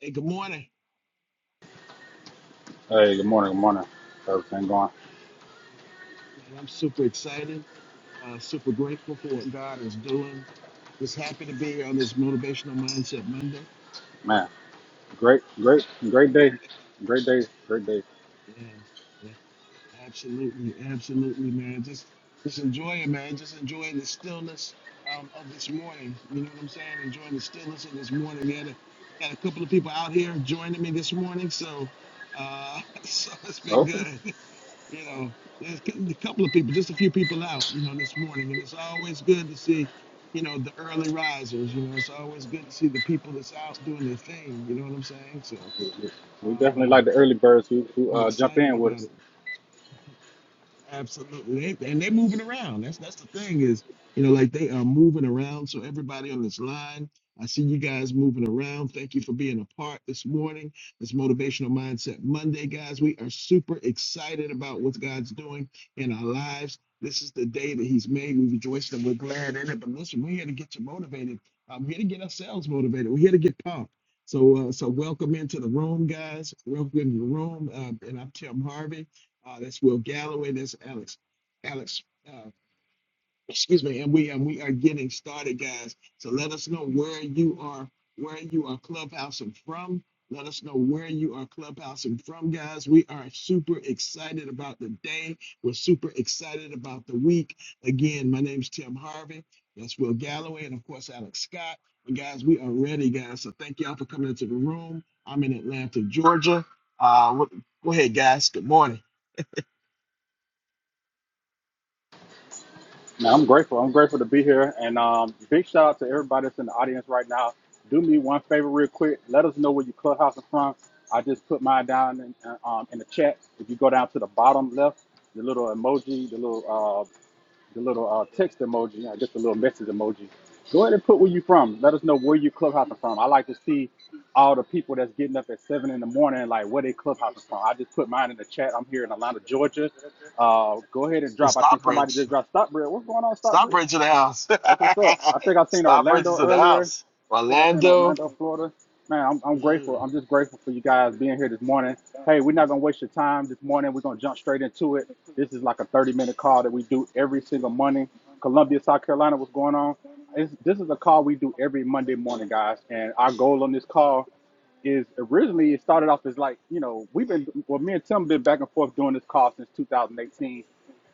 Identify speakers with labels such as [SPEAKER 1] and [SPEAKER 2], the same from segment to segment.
[SPEAKER 1] Hey, good morning.
[SPEAKER 2] Hey, good morning, good morning. How's everything going?
[SPEAKER 1] Man, I'm super excited, uh, super grateful for what God is doing. Just happy to be here on this Motivational Mindset Monday.
[SPEAKER 2] Man, great, great, great day, great day, great day.
[SPEAKER 1] Yeah, yeah, absolutely, absolutely, man. Just, just enjoy it, man. Just enjoying the stillness um, of this morning. You know what I'm saying? Enjoying the stillness of this morning. We had a, had a couple of people out here joining me this morning, so, uh, so it's
[SPEAKER 2] Oh,
[SPEAKER 1] been
[SPEAKER 2] Okay.
[SPEAKER 1] good. you know, there's a couple of people, just a few people out, you know, this morning, and it's always good to see, you know, the early risers. You know, it's always good to see the people that's out doing their thing. You know what I'm saying? So
[SPEAKER 2] We we- we definitely
[SPEAKER 1] um,
[SPEAKER 2] like the early birds who, who
[SPEAKER 1] I'm
[SPEAKER 2] uh, jump
[SPEAKER 1] excited
[SPEAKER 2] in with
[SPEAKER 1] about
[SPEAKER 2] us.
[SPEAKER 1] it. Absolutely, they, and they're moving around. That's that's the thing is, you know, like they are moving around. So everybody on this line, I see you guys moving around. Thank you for being a part this morning. This motivational mindset Monday, guys. We are super excited about what God's doing in our lives. This is the day that He's made. We rejoice and we're glad in it. But listen, we're here to get you motivated. Uh, We're here to get ourselves motivated. We're here to get pumped. So, uh, so welcome into the room, guys. Welcome into the room. Uh, and I'm Tim Harvey. Uh, that's Will Galloway. That's Alex. Alex, uh, excuse me. And we and we are getting started, guys. So let us know where you are, where you are clubhousing from. Let us know where you are clubhousing from, guys. We are super excited about the day. We're super excited about the week. Again, my name's Tim Harvey. That's Will Galloway, and of course Alex Scott. And guys, we are ready, guys. So thank y'all for coming into the room. I'm in Atlanta, Georgia. Uh, what- go ahead, guys. Good morning.
[SPEAKER 2] Now, I'm grateful. I'm grateful to be here. And um, big shout out to everybody that's in the audience right now. Do me one favor, real quick. Let us know where your clubhouse is from. I just put mine down in, uh, um, in the chat. If you go down to the bottom left, the little emoji, the little uh, the little uh, text emoji, uh, just a little message emoji. Go ahead and put where you from. Let us know where you clubhousing from. I like to see all the people that's getting up at seven in the morning, like where they clubhousing from. I just put mine in the chat. I'm here in Atlanta, Georgia. Uh, go ahead and drop. I think somebody
[SPEAKER 1] Stockbridge.
[SPEAKER 2] just dropped Stockbridge. What's going on, Stockbridge?
[SPEAKER 1] Stockbridge in the house.
[SPEAKER 2] That's what's up. I think I seen
[SPEAKER 1] Stockbridge
[SPEAKER 2] Orlando
[SPEAKER 1] is in the
[SPEAKER 2] earlier.
[SPEAKER 1] house.
[SPEAKER 2] I think I said in
[SPEAKER 1] Orlando.
[SPEAKER 2] Orlando, Florida. Man, I'm, I'm grateful.
[SPEAKER 1] Mm.
[SPEAKER 2] I'm just grateful for you guys being here this morning. Hey, we're not gonna waste your time this morning. We're gonna jump straight into it. This is like a 30 minute call that we do every single Monday. Columbia, South Carolina, what's going on? It's, this is a call we do every Monday morning, guys. And our goal on this call is originally it started off as like you know we've been well me and Tim been back and forth doing this call since 2018,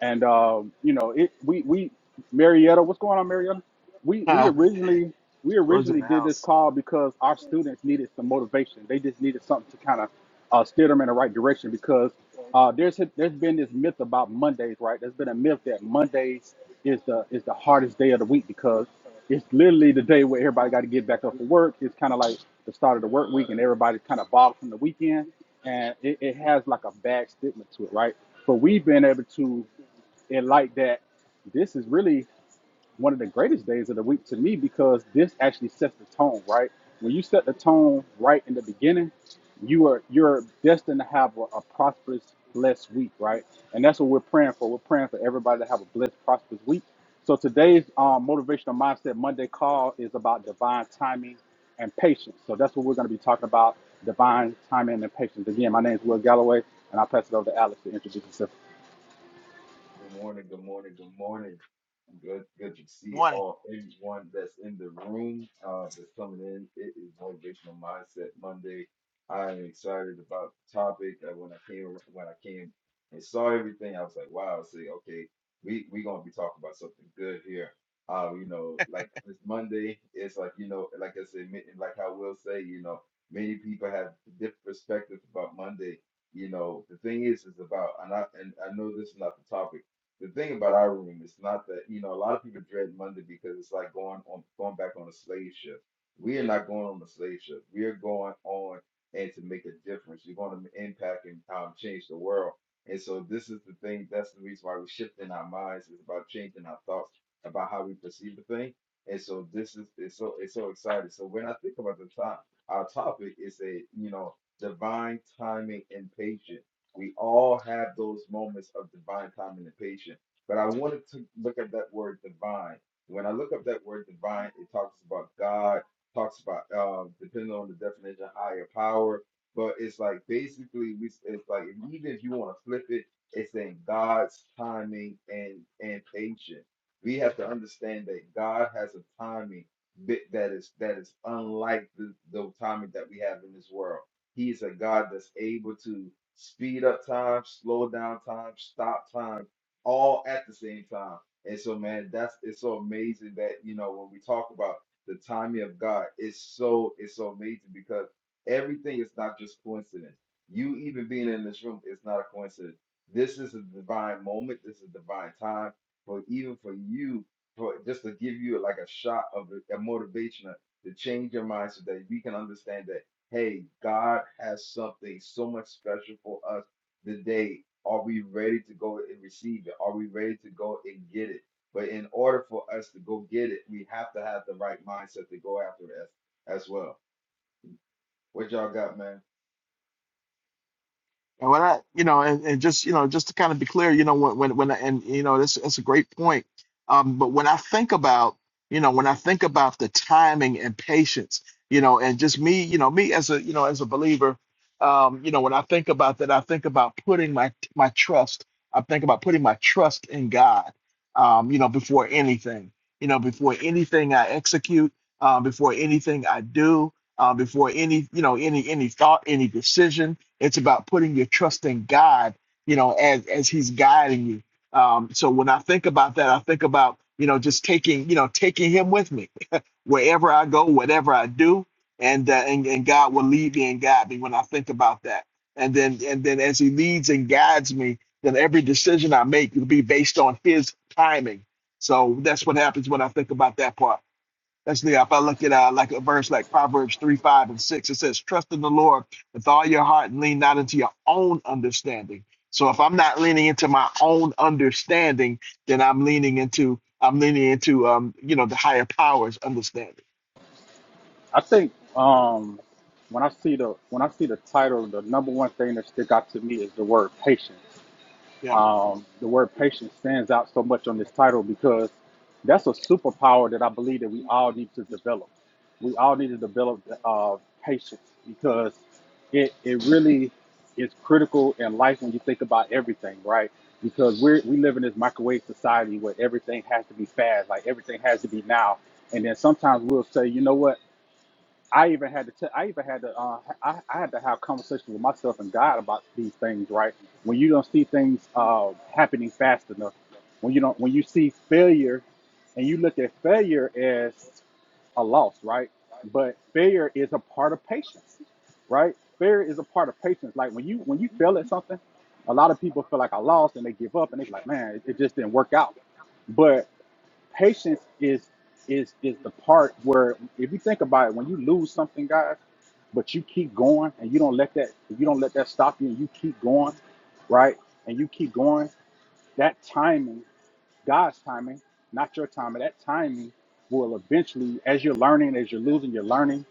[SPEAKER 2] and um, you know it we we Marietta, what's going on, Marietta? We we originally we originally did this call because our students needed some motivation. They just needed something to kind of uh, steer them in the right direction because uh, there's there's been this myth about Mondays, right? There's been a myth that Mondays is the is the hardest day of the week because it's literally the day where everybody got to get back up for work. It's kind of like the start of the work week, and everybody's kind of bogged from the weekend, and it, it has like a bad stigma to it, right? But we've been able to enlighten that this is really one of the greatest days of the week to me because this actually sets the tone, right? When you set the tone right in the beginning, you are you're destined to have a, a prosperous, blessed week, right? And that's what we're praying for. We're praying for everybody to have a blessed, prosperous week. So today's um, motivational mindset Monday call is about divine timing and patience. So that's what we're going to be talking about: divine timing and patience. Again, my name is Will Galloway, and I pass it over to Alex to introduce himself.
[SPEAKER 3] Good morning, good morning, good morning. Good good to see all everyone that's in the room uh that's coming in. It is motivational mindset Monday. I am excited about the topic. Uh, when I came when I came and saw everything, I was like, wow, I say, okay, we we gonna be talking about something good here. Uh, you know, like it's Monday, it's like, you know, like I said, ma- like I will say, you know, many people have different perspectives about Monday. You know, the thing is is about and I and I know this is not the topic the thing about our room is not that, you know, a lot of people dread Monday because it's like going on going back on a slave ship. We are not going on a slave ship. We are going on and to make a difference. You're going to impact and um, change the world. And so this is the thing, that's the reason why we're shifting our minds. It's about changing our thoughts about how we perceive the thing. And so this is it's so it's so exciting. So when I think about the top our topic is a you know divine timing and patience we all have those moments of divine timing and patience. But I wanted to look at that word divine. When I look up that word divine, it talks about God, talks about uh, depending on the definition, higher power. But it's like basically, we it's like even if you want to flip it, it's in God's timing and and patience. We have to understand that God has a timing bit that is that is unlike the, the timing that we have in this world He's a God that's able to speed up time, slow down time, stop time, all at the same time. And so, man, that's it's so amazing that you know when we talk about the timing of God, it's so it's so amazing because everything is not just coincidence. You even being in this room is not a coincidence. This is a divine moment. This is divine time for even for you, for just to give you like a shot of a, a motivation, to change your mind so that we can understand that. Hey, God has something so much special for us today. Are we ready to go and receive it? Are we ready to go and get it? But in order for us to go get it, we have to have the right mindset to go after it as, as well. What y'all got, man?
[SPEAKER 1] And when I, you know, and, and just, you know, just to kind of be clear, you know, when, when, when, I- and, you know, that's, that's a great point. Um, but when I think about, you know, when I think about the timing and patience, you know, and just me, you know, me as a, you know, as a believer, um, you know, when I think about that, I think about putting my, my trust, I think about putting my trust in God, um, you know, before anything, you know, before anything I execute, um, before anything I do, um, before any, you know, any, any thought, any decision it's about putting your trust in God, you know, as as He's guiding you. Um, so when I think about that, I think about you know just taking you know taking Him with me wherever I go, whatever I do, and uh, and and God will lead me and guide me when I think about that. And then and then as He leads and guides me, then every decision I make will be based on His timing. So that's what happens when I think about that part. Especially if I look at uh, like a verse like Proverbs 3, 5, and 6, it says, Trust in the Lord with all your heart and lean not into your own understanding. So if I'm not leaning into my own understanding, then I'm leaning into I'm leaning into um, you know, the higher powers understanding.
[SPEAKER 2] I think um, when I see the when I see the title, the number one thing that stick out to me is the word patience.
[SPEAKER 1] Yeah.
[SPEAKER 2] Um, the word patience stands out so much on this title because that's a superpower that I believe that we all need to develop. We all need to develop uh, patience because it it really is critical in life when you think about everything, right? Because we we live in this microwave society where everything has to be fast, like everything has to be now. And then sometimes we'll say, you know what? I even had to, t- I even had to, uh, I, I had to have conversations with myself and God about these things, right? When you don't see things uh, happening fast enough, when you don't, when you see failure, and you look at failure as a loss, right? But failure is a part of patience, right? Failure is a part of patience. Like when you when you fail at something, a lot of people feel like I lost and they give up and they be like, man, it, it just didn't work out. but. Patience is is is the part where if you think about it, when you lose something, guys, but you keep going and you don't let that you don't let that stop you and you keep going, right? And you keep going, that timing, God's timing, not your timing, that timing will eventually, as you're learning, as you're losing, you're learning,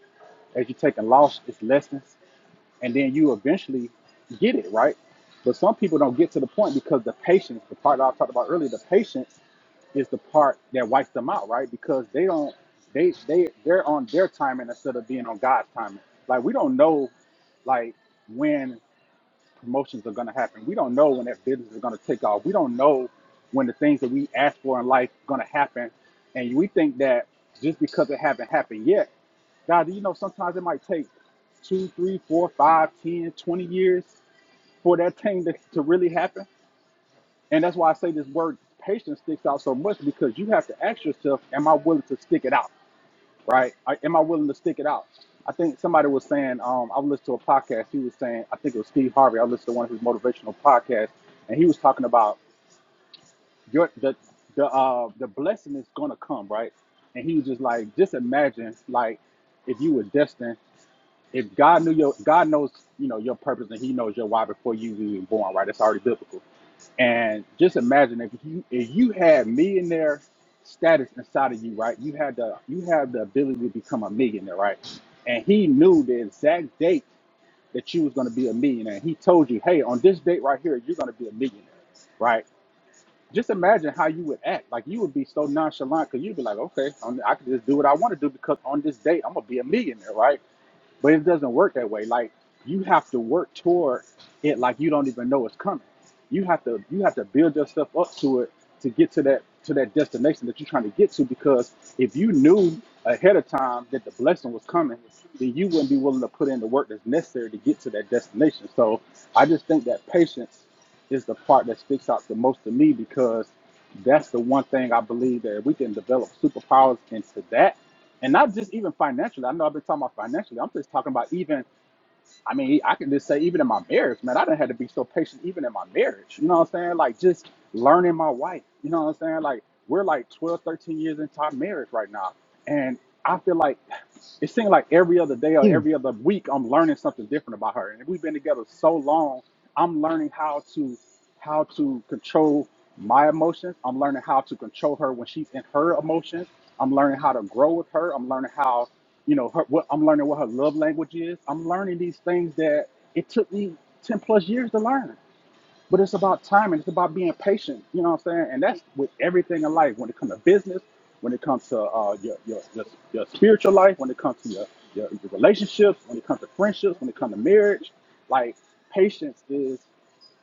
[SPEAKER 2] as you're taking loss, it's lessons and then you eventually get it right. But some people don't get to the point because the patience, the part that I talked about earlier, the patience is the part that wipes them out, right? Because they don't, they they they're on their timing instead of being on God's timing. Like we don't know, like when promotions are going to happen. We don't know when that business is going to take off. We don't know when the things that we ask for in life are going to happen. And we think that just because it has not happened yet, God, you know, sometimes it might take two, three, four, five, ten, twenty years for that thing to, to really happen. And that's why I say this word patience sticks out so much because you have to ask yourself, am I willing to stick it out? right? I, am I willing to stick it out? I think somebody was saying, um, I listened to a podcast. He was saying, I think it was Steve Harvey. I listened to one of his motivational podcasts, and he was talking about your the the uh, the blessing is gonna come, right? And he was just like, just imagine like if you were destined if God knew your God knows you know your purpose and He knows your why before you were even born, right? That's already biblical. And just imagine if you if you had millionaire status inside of you, right? You had the you had the ability to become a millionaire, right? And He knew the exact date that you was going to be a millionaire. He told you, hey, on this date right here, you're going to be a millionaire, right? Just imagine how you would act. Like you would be so nonchalant because you'd be like, okay, I'm, I can just do what I want to do because on this date I'm gonna be a millionaire, right? But it doesn't work that way. Like you have to work toward it like you don't even know it's coming. You have to you have to build yourself up to it to get to that to that destination that you're trying to get to because if you knew ahead of time that the blessing was coming, then you wouldn't be willing to put in the work that's necessary to get to that destination. So I just think that patience is the part that sticks out the most to me because that's the one thing I believe that if we can develop superpowers into that and not just even financially. I know I've been talking about financially. I'm just talking about even. I mean, I can just say even in my marriage, man, I didn't have to be so patient even in my marriage. You know what I'm saying? Like just learning my wife. You know what I'm saying? Like we're like 12, 13 years into our marriage right now, and I feel like it seems like every other day or
[SPEAKER 1] Hmm.
[SPEAKER 2] every other week I'm learning something different about her. And we've been together so long I'm learning how to how to control my emotions. I'm learning how to control her when she's in her emotions. I'm learning how to grow with her. I'm learning how, you know, her, what I'm learning what her love language is. I'm learning these things that it took me 10 plus years to learn. But it's about time and it's about being patient. You know what I'm saying? And that's with everything in life. When it comes to business, when it comes to uh, your, your, your, your spiritual life, when it comes to your, your, your relationships, when it comes to friendships, when it comes to marriage, like patience is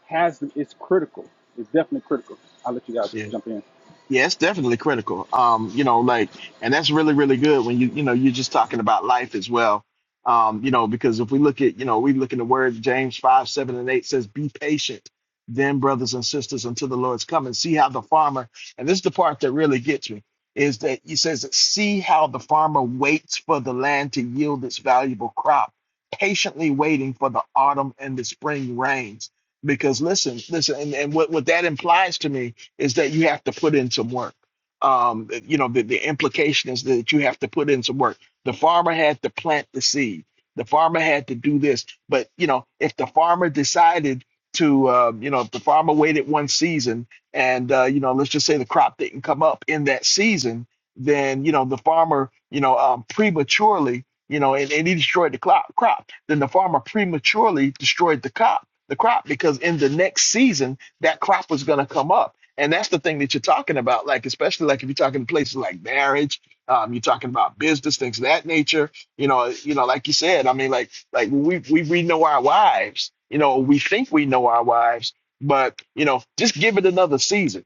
[SPEAKER 2] has it's critical. It's definitely critical. I'll let you guys
[SPEAKER 1] Yeah.
[SPEAKER 2] jump in.
[SPEAKER 1] Yeah, it's definitely critical. Um, you know, like, and that's really, really good when you, you know, you're just talking about life as well. Um, you know, because if we look at, you know, we look in the word James 5, 7, and 8 says, Be patient, then, brothers and sisters, until the Lord's coming. See how the farmer, and this is the part that really gets me, is that he says, See how the farmer waits for the land to yield its valuable crop, patiently waiting for the autumn and the spring rains. Because listen, listen, and, and what, what that implies to me is that you have to put in some work. Um, you know, the, the implication is that you have to put in some work. The farmer had to plant the seed. The farmer had to do this. But, you know, if the farmer decided to, um, you know, if the farmer waited one season and, uh, you know, let's just say the crop didn't come up in that season, then, you know, the farmer, you know, um, prematurely, you know, and, and he destroyed the crop, crop. Then the farmer prematurely destroyed the crop, the crop, because in the next season, that crop was going to come up and that's the thing that you're talking about, like especially like if you're talking places like marriage, um, you're talking about business things of that nature. You know, you know, like you said, I mean, like like we we we know our wives. You know, we think we know our wives, but you know, just give it another season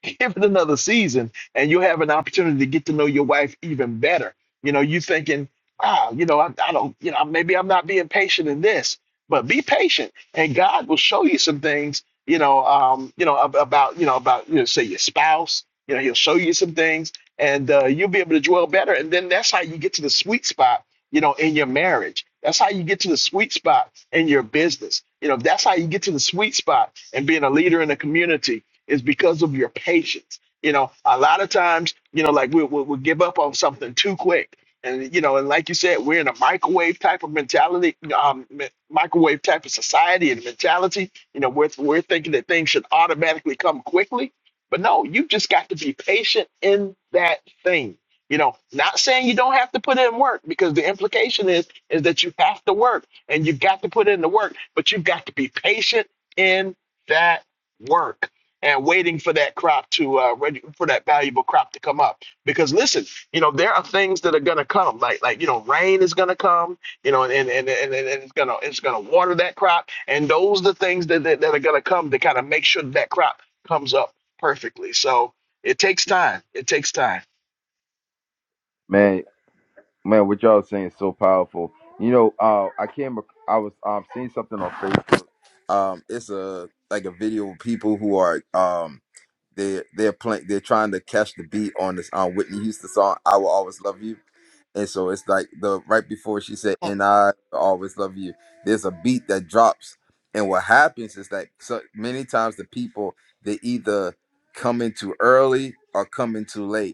[SPEAKER 1] give it another season and you'll have an opportunity to get to know your wife even better you know you thinking ah you know I, I don't you know maybe i'm not being patient in this but be patient and god will show you some things you know um you know ab- about you know about you know say your spouse you know he'll show you some things and uh, you'll be able to dwell better and then that's how you get to the sweet spot you know in your marriage that's how you get to the sweet spot in your business you know that's how you get to the sweet spot and being a leader in the community is because of your patience. You know, a lot of times, you know, like we we we give up on something too quick. And, you know, and like you said, we're in a microwave type of mentality, um, mi- microwave type of society and mentality. You know, we're, we're thinking that things should automatically come quickly. But no, you just got to be patient in that thing. You know, not saying you don't have to put in work because the implication is is that you have to work and you've got to put in the work, but you've got to be patient in that work and waiting for that crop to uh ready for that valuable crop to come up because listen you know there are things that are going to come like like you know rain is going to come you know and and, and and and it's going to it's going to water that crop and those are the things that that, that are going to come to kind of make sure that, that crop comes up perfectly so it takes time it takes time
[SPEAKER 3] Man, man, what y'all saying is so powerful. You know, uh, I came, ac- I was um seeing something on Facebook. Um, it's a like a video of people who are um they they're playing, they're trying to catch the beat on this um Whitney Houston song "I Will Always Love You." And so it's like the right before she said, "And I will always love you." There's a beat that drops, and what happens is that so many times the people they either come in too early or come in too late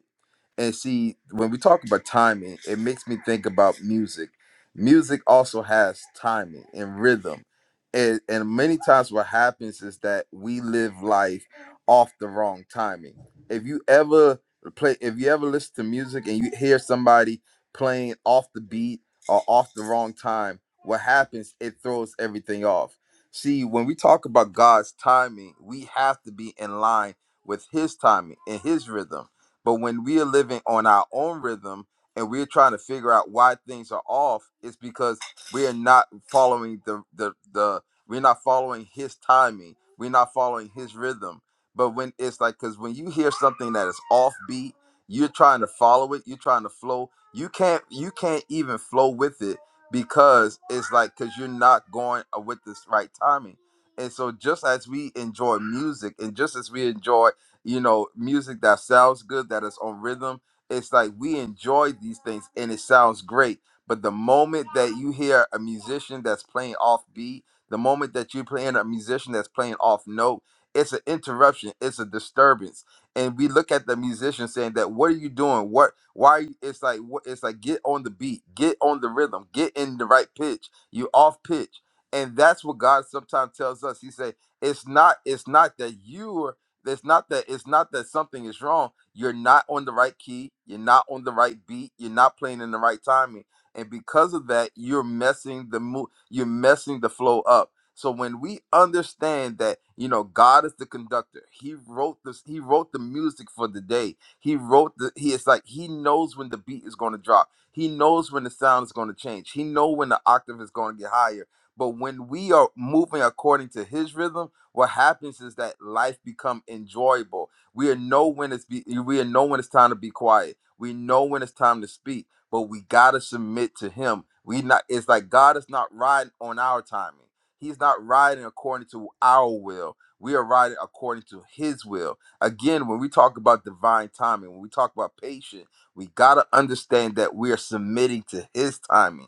[SPEAKER 3] and see when we talk about timing it makes me think about music music also has timing and rhythm and, and many times what happens is that we live life off the wrong timing if you ever play if you ever listen to music and you hear somebody playing off the beat or off the wrong time what happens it throws everything off see when we talk about god's timing we have to be in line with his timing and his rhythm but when we are living on our own rhythm and we're trying to figure out why things are off, it's because we're not following the the the we're not following his timing. We're not following his rhythm. But when it's like cuz when you hear something that is offbeat, you're trying to follow it, you're trying to flow. You can't you can't even flow with it because it's like cuz you're not going uh, with this right timing. And so just as we enjoy music and just as we enjoy you know, music that sounds good, that is on rhythm. It's like we enjoy these things and it sounds great. But the moment that you hear a musician that's playing off beat, the moment that you're playing a musician that's playing off note, it's an interruption, it's a disturbance. And we look at the musician saying that, what are you doing? What why are you it's like what it's like get on the beat, get on the rhythm, get in the right pitch. You off pitch. And that's what God sometimes tells us. He say, it's not it's not that you it's not that it's not that something is wrong. You're not on the right key. You're not on the right beat. You're not playing in the right timing, and because of that, you're messing the mo- You're messing the flow up. So when we understand that, you know, God is the conductor. He wrote this. He wrote the music for the day. He wrote the. He is like he knows when the beat is going to drop. He knows when the sound is going to change. He know when the octave is going to get higher. But when we are moving according to His rhythm what happens is that life become enjoyable. We know when it's be, we know when it's time to be quiet. We know when it's time to speak, but we gotta submit to Him. We not. It's like God is not riding on our timing. He's not riding according to our will. We are riding according to His will. Again, when we talk about divine timing, when we talk about patience, we gotta understand that we are submitting to His timing,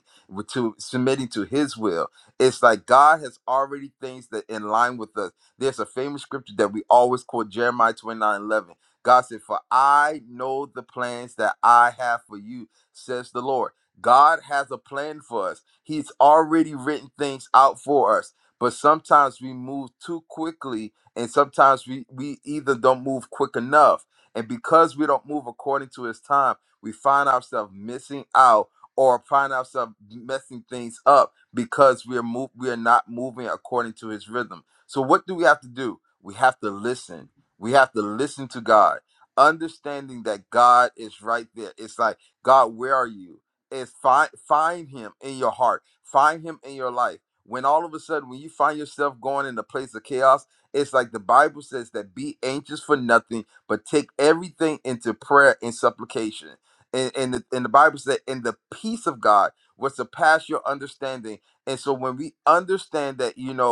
[SPEAKER 3] to submitting to His will. It's like God has already things that in line with us. There's a famous scripture that we always quote Jeremiah 29, 11. God said, For I know the plans that I have for you, says the Lord. God has a plan for us, He's already written things out for us. But sometimes we move too quickly, and sometimes we, we either don't move quick enough. And because we don't move according to His time, we find ourselves missing out or find ourselves messing things up because we're move, we're not moving according to his rhythm. So what do we have to do? We have to listen. We have to listen to God, understanding that God is right there. It's like, God, where are you? It's find find him in your heart. Find him in your life. When all of a sudden when you find yourself going in a place of chaos, it's like the Bible says that be anxious for nothing, but take everything into prayer and supplication. And, and, the, and the Bible said, and the peace of God will surpass your understanding. And so when we understand that, you know,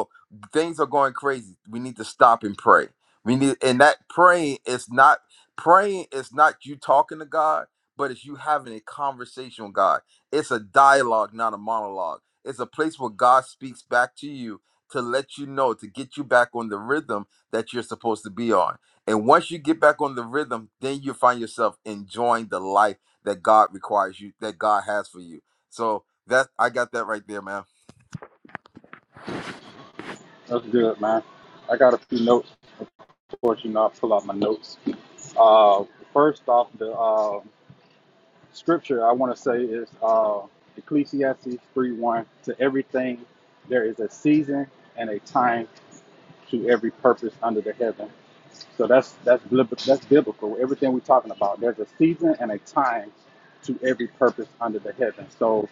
[SPEAKER 3] things are going crazy. We need to stop and pray. We need, and that praying is not praying is not you talking to God, but it's you having a conversation with God. It's a dialogue, not a monologue. It's a place where God speaks back to you to let you know to get you back on the rhythm that you're supposed to be on. And once you get back on the rhythm, then you find yourself enjoying the life that God requires you, that God has for you. So that I got that right there, man.
[SPEAKER 2] That's good, man. I got a few notes. Of course, you know I pull out my notes. Uh, first off, the uh, scripture I want to say is uh, Ecclesiastes three one. To everything, there is a season and a time to every purpose under the heaven. So that's that's blib- that's biblical. Everything we're talking about, there's a season and a time to every purpose under the heaven. So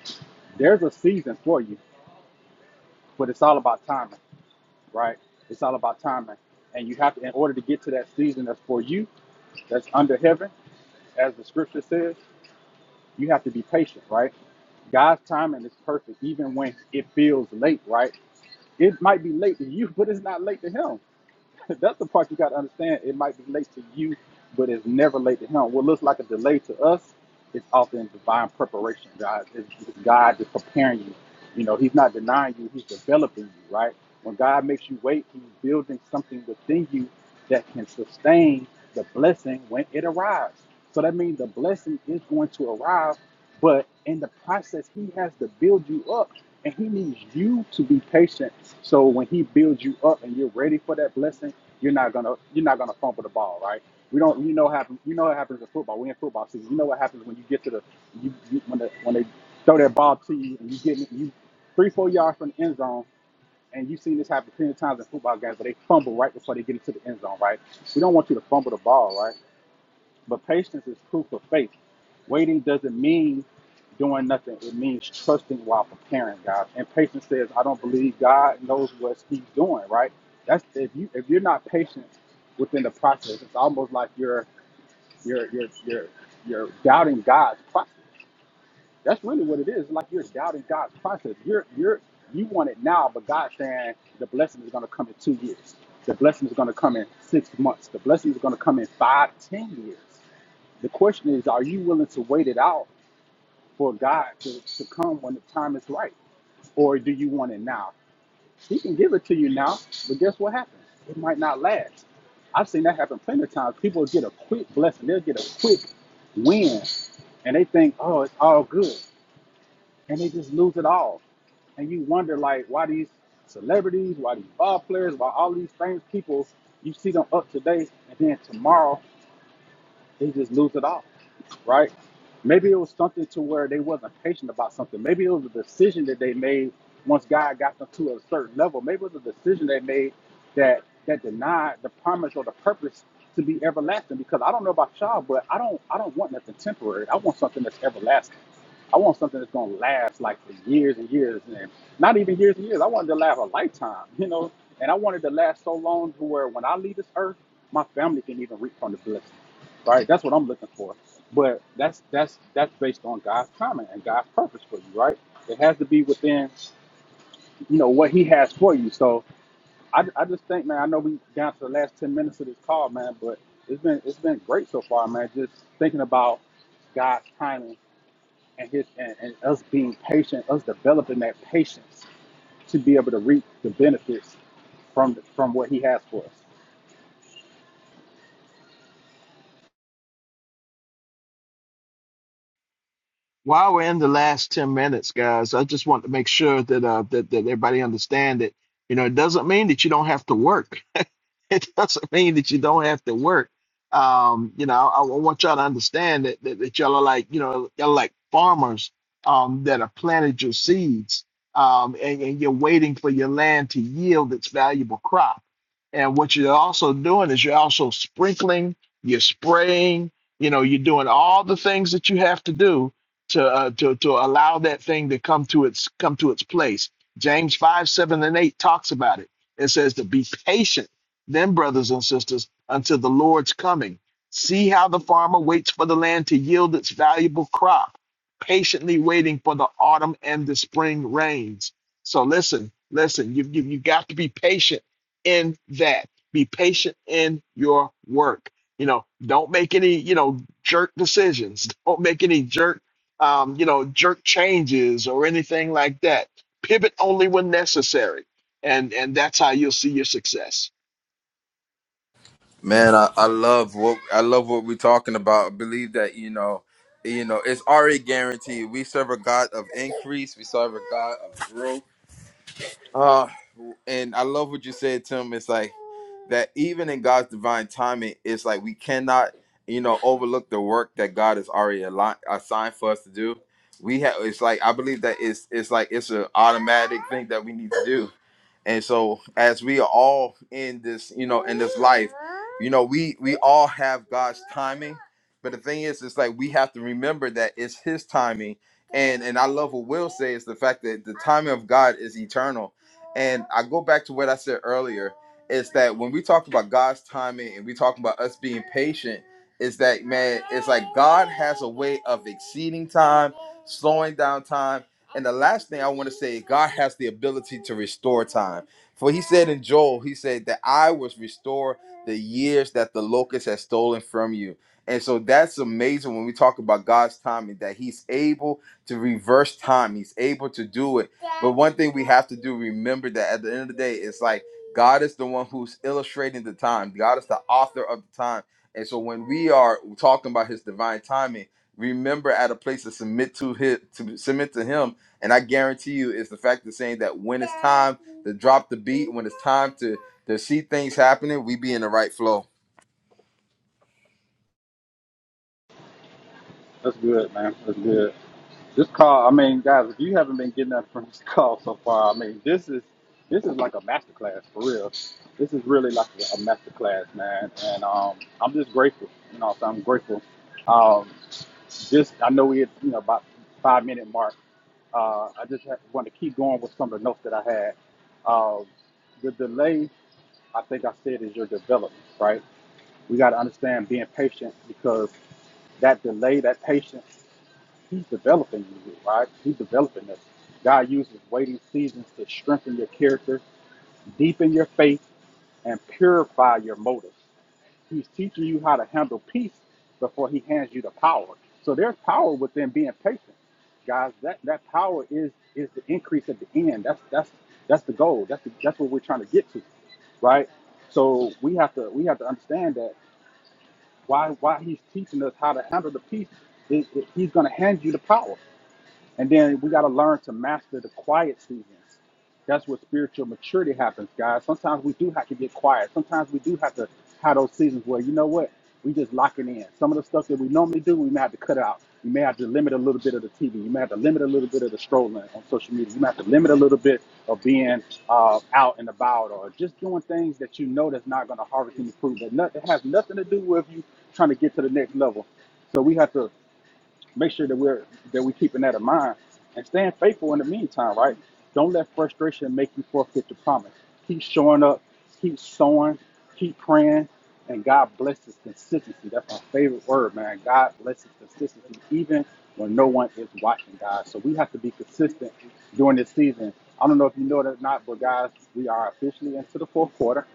[SPEAKER 2] there's a season for you. but it's all about timing, right? It's all about timing. And you have to, in order to get to that season that's for you, that's under heaven, as the scripture says, you have to be patient, right? God's timing is perfect, even when it feels late, right? It might be late to you, but it's not late to Him. That's the part you got to understand. It might be late to you, but it's never late to him. What looks like a delay to us is often divine preparation. God is God is preparing you. You know, He's not denying you; He's developing you. Right? When God makes you wait, He's building something within you that can sustain the blessing when it arrives. So that means the blessing is going to arrive but in the process, he has to build you up and he needs you to be patient. So when he builds you up and you're ready for that blessing, you're not gonna you're not gonna fumble the ball, right? We don't you know happen you know what happens in football. We're in football season. You know what happens when you get to the you, you when the, when they throw that ball to you and you get it- you three, four yards from the end zone and you've seen this happen plenty of times in football games, but they fumble right before they get into the end zone, right? We don't want you to fumble the ball, right? But patience is proof of faith. Waiting doesn't mean doing nothing. It means trusting while preparing, guys. And patience says, I don't believe God knows what he's doing, right? That's if you if you're not patient within the process, it's almost like you're you're you're you're you're doubting God's process. That's really what it is. It's like you're doubting God's process. You're you're you want it now, but God's saying the blessing is gonna come in two years. The blessing is gonna come in six months. The blessing is gonna come in five, ten years. The question is, are you willing to wait it out for God to, to come when the time is right? Or do you want it now? He can give it to you now, but guess what happens? It might not last. I've seen that happen plenty of times. People get a quick blessing, they'll get a quick win, and they think, oh, it's all good. And they just lose it all. And you wonder, like, why these celebrities, why these ball players, why all these famous people, you see them up today, and then tomorrow they just lose it all, right? Maybe it was something to where they wasn't patient about something. Maybe it was a decision that they made once God got them to a certain level. Maybe it was a decision they made that that denied the promise or the purpose to be everlasting. Because I don't know about y'all, but I don't I don't want nothing temporary. I want something that's everlasting. I want something that's gonna last like for years and years and not even years and years. I wanted to last a lifetime, you know. And I wanted to last so long to where when I leave this earth, my family can even reap from the blessing right? That's what I'm looking for. But that's that's that's based on God's comment and God's purpose for you, right? It has to be within, you know, what He has for you. So I, I just think, man, I know we down to the last ten minutes of this call, man, but it's been it's been great so far, man. Just thinking about God's timing and His and, and us being patient, us developing that patience to be able to reap the benefits from from what He has for us.
[SPEAKER 1] while we're in the last 10 minutes guys i just want to make sure that uh that, that everybody understand that you know it doesn't mean that you don't have to work it doesn't mean that you don't have to work. Um, you know, I, I want y'all to understand that, that that y'all are like, you know, y'all are like farmers um, that have planted your seeds, um, and, and you're waiting for your land to yield its valuable crop. And what you're also doing is you're also sprinkling, you're spraying, you know, you're doing all the things that you have to do to uh, to to allow that thing to come to its come to its place. James five seven and eight talks about it. It says to be patient then, brothers and sisters, until the Lord's coming, see how the farmer waits for the land to yield its valuable crop, patiently waiting for the autumn and the spring rains. So, listen, listen, you, you, you got to be patient in that. Be patient in your work. You know, don't make any, you know, jerk decisions. Don't make any jerk, um, you know, jerk changes or anything like that. Pivot only when necessary. And, and that's how you'll see your success.
[SPEAKER 3] Man, I, I love what I love what we're talking about. I believe that you know, you know, it's already guaranteed. We serve a God of increase. We serve a God of growth. Uh, and I love what you said, Tim. It's like that even in God's divine timing, it's like we cannot, you know, overlook the work that God has already ali- assigned for us to do. We have. It's like I believe that it's it's like it's an automatic thing that we need to do and so as we are all in this, you know, in this life, you know, we we all have God's timing. But the thing is, it's like we have to remember that it's his timing. And and I love what Will says the fact that the timing of God is eternal. And I go back to what I said earlier, is that when we talk about God's timing and we talk about us being patient, is that man, it's like God has a way of exceeding time, slowing down time and the last thing I want to say, God has the ability to restore time. For he said in Joel, he said that I will restore the years that the locust has stolen from you. And so that's amazing when we talk about God's timing, that he's able to reverse time. He's able to do it. But one thing we have to do, remember that at the end of the day, it's like God is the one who's illustrating the time. God is the author of the time. And so when we are talking about his divine timing, remember at a place to submit to his to submit to him and I guarantee you, it's the fact of saying that when it's time to drop the beat, when it's time to to see things happening, we be in the right flow.
[SPEAKER 2] That's good, man. That's good. This call, I mean, guys, if you haven't been getting nothing from this call so far, I mean, this is this is like a masterclass for real. This is really like a masterclass, man. And um, I'm just grateful, you know. So I'm grateful. Um, just I know we had, you know, about five minute mark. Uh, I just had, wanted to keep going with some of the notes that I had. Um, the delay, I think I said, is your development, right? We got to understand being patient because that delay, that patience. He's developing you, right? He's developing us. God uses waiting seasons to strengthen your character, deepen your faith, and purify your motives. He's teaching you how to handle peace before he hands you the power. So there's power within being patient. Guys, that, that power is is the increase at the end. That's that's that's the goal. That's the, that's what we're trying to get to, right? So we have to we have to understand that why why he's teaching us how to handle the peace is is he's going to hand you the power. And then we got to learn to master the quiet seasons. That's where spiritual maturity happens, guys. Sometimes we do have to get quiet. Sometimes we do have to have those seasons where, you know what, we just lock it in. Some of the stuff that we normally do, we may have to cut out. You may have to limit a little bit of the TV. You may have to limit a little bit of the strolling on social media. You may have to limit a little bit of being uh, out and about or just doing things that you know that's not going to harvest any fruit. That, not, that has nothing to do with you trying to get to the next level. So we have to make sure that we're that we're keeping that in mind and staying faithful in the meantime, right? Don't let frustration make you forfeit the promise. Keep showing up, keep sowing, keep praying, and God blesses consistency. That's my favorite word, man. God blesses consistency, even when no one is watching, guys. So we have to be consistent during this season. I don't know if you know that or not, but guys, we are officially into the fourth quarter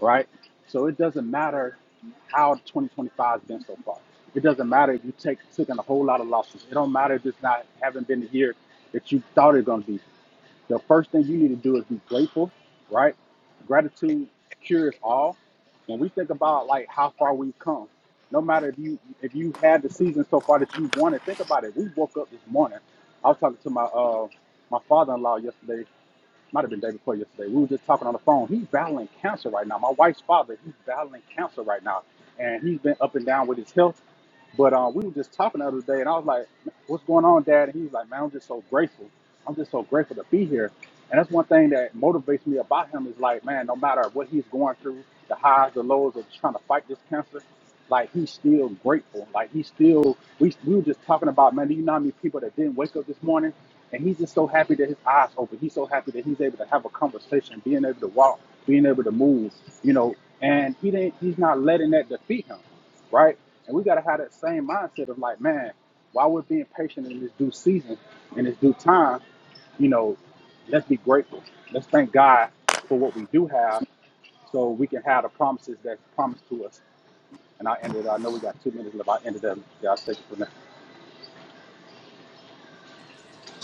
[SPEAKER 2] right? So it doesn't matter how 2025 has been so far. It doesn't matter if you take took in a whole lot of losses. It don't matter if it's not haven't been the year that you thought it gonna be. The first thing you need to do is be grateful, right? Gratitude cures all. When we think about like how far we've come, no matter if you if you had the season so far that you wanted, think about it. We woke up this morning. I was talking to my uh my father-in-law yesterday might have been the day before yesterday. We were just talking on the phone. He's battling cancer right now. My wife's father, he's battling cancer right now, and he's been up and down with his health. But uh, we were just talking the other day, and I was like, "What's going on, Dad?" And he was like, "Man, I'm just so grateful. I'm just so grateful to be here." And that's one thing that motivates me about him is like, man, no matter what he's going through, the highs, the lows of trying to fight this cancer, like he's still grateful. Like he's still. We we were just talking about, man, do you know how many people that didn't wake up this morning, and he's just so happy that his eyes open. He's so happy that he's able to have a conversation, being able to walk, being able to move, you know. And he didn't. He's not letting that defeat him right? And we gotta have that same mindset of like, man, while we're being patient in this due season, in this due time, you know, let's be grateful. Let's thank God for what we do have, so we can have the promises that's promised to us. And I ended. I know we got two minutes left. I ended up. Yeah, I'll take it from there.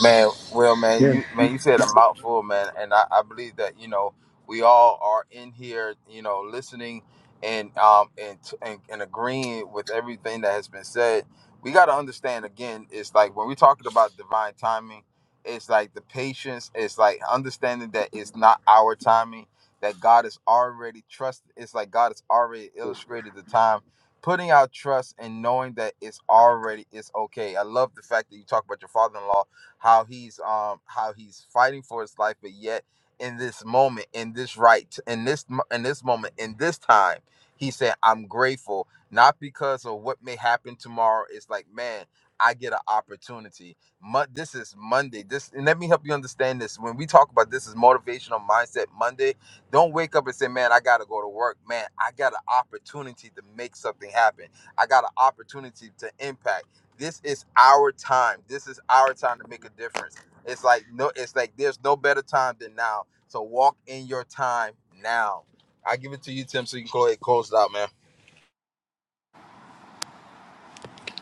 [SPEAKER 3] Man, well, man, you man, you said a mouthful, man, and I, I believe that you know we all are in here, you know, listening and um and, and and agreeing with everything that has been said. We got to understand again. It's like when we're talking about divine timing, it's like the patience. It's like understanding that it's not our timing. That God is already trusted. It's like God has already illustrated the time. Putting our trust and knowing that it's already it's okay. I love the fact that you talk about your father-in-law how he's um how he's fighting for his life, but yet in this moment, in this right, in this mo- in this moment, in this time, he said, "I'm grateful not because of what may happen tomorrow. It's like, man, I get an opportunity. Mo- this is Monday. This and let me help you understand this. When we talk about this is motivational mindset Monday, don't wake up and say, man, I got to go to work. Man, I got an opportunity to make something happen. I got an opportunity to impact. This is our time. This is our time to make a difference. It's like no, it's like there's no better time than now. So walk in your time now. I give it to you, Tim, so you can go ahead and close it out, man.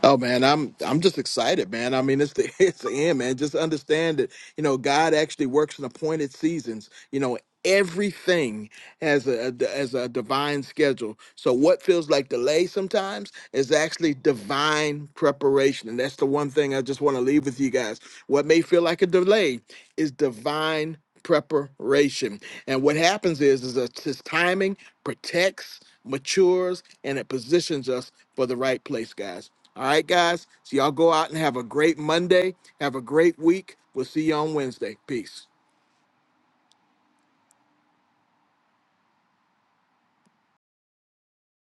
[SPEAKER 1] Oh man, I'm I'm just excited, man. I mean, it's the it's the end, man. Just understand that you know God actually works in appointed seasons. You know everything has a a- has a divine schedule. So what feels like delay sometimes is actually divine preparation, and that's the one thing I just want to leave with you guys. What may feel like a delay is divine preparation, and what happens is is that his timing protects, matures, and it positions us for the right place, guys. All right, guys. So y'all go out and have a great Monday. Have a great week. We'll see you on Wednesday. Peace.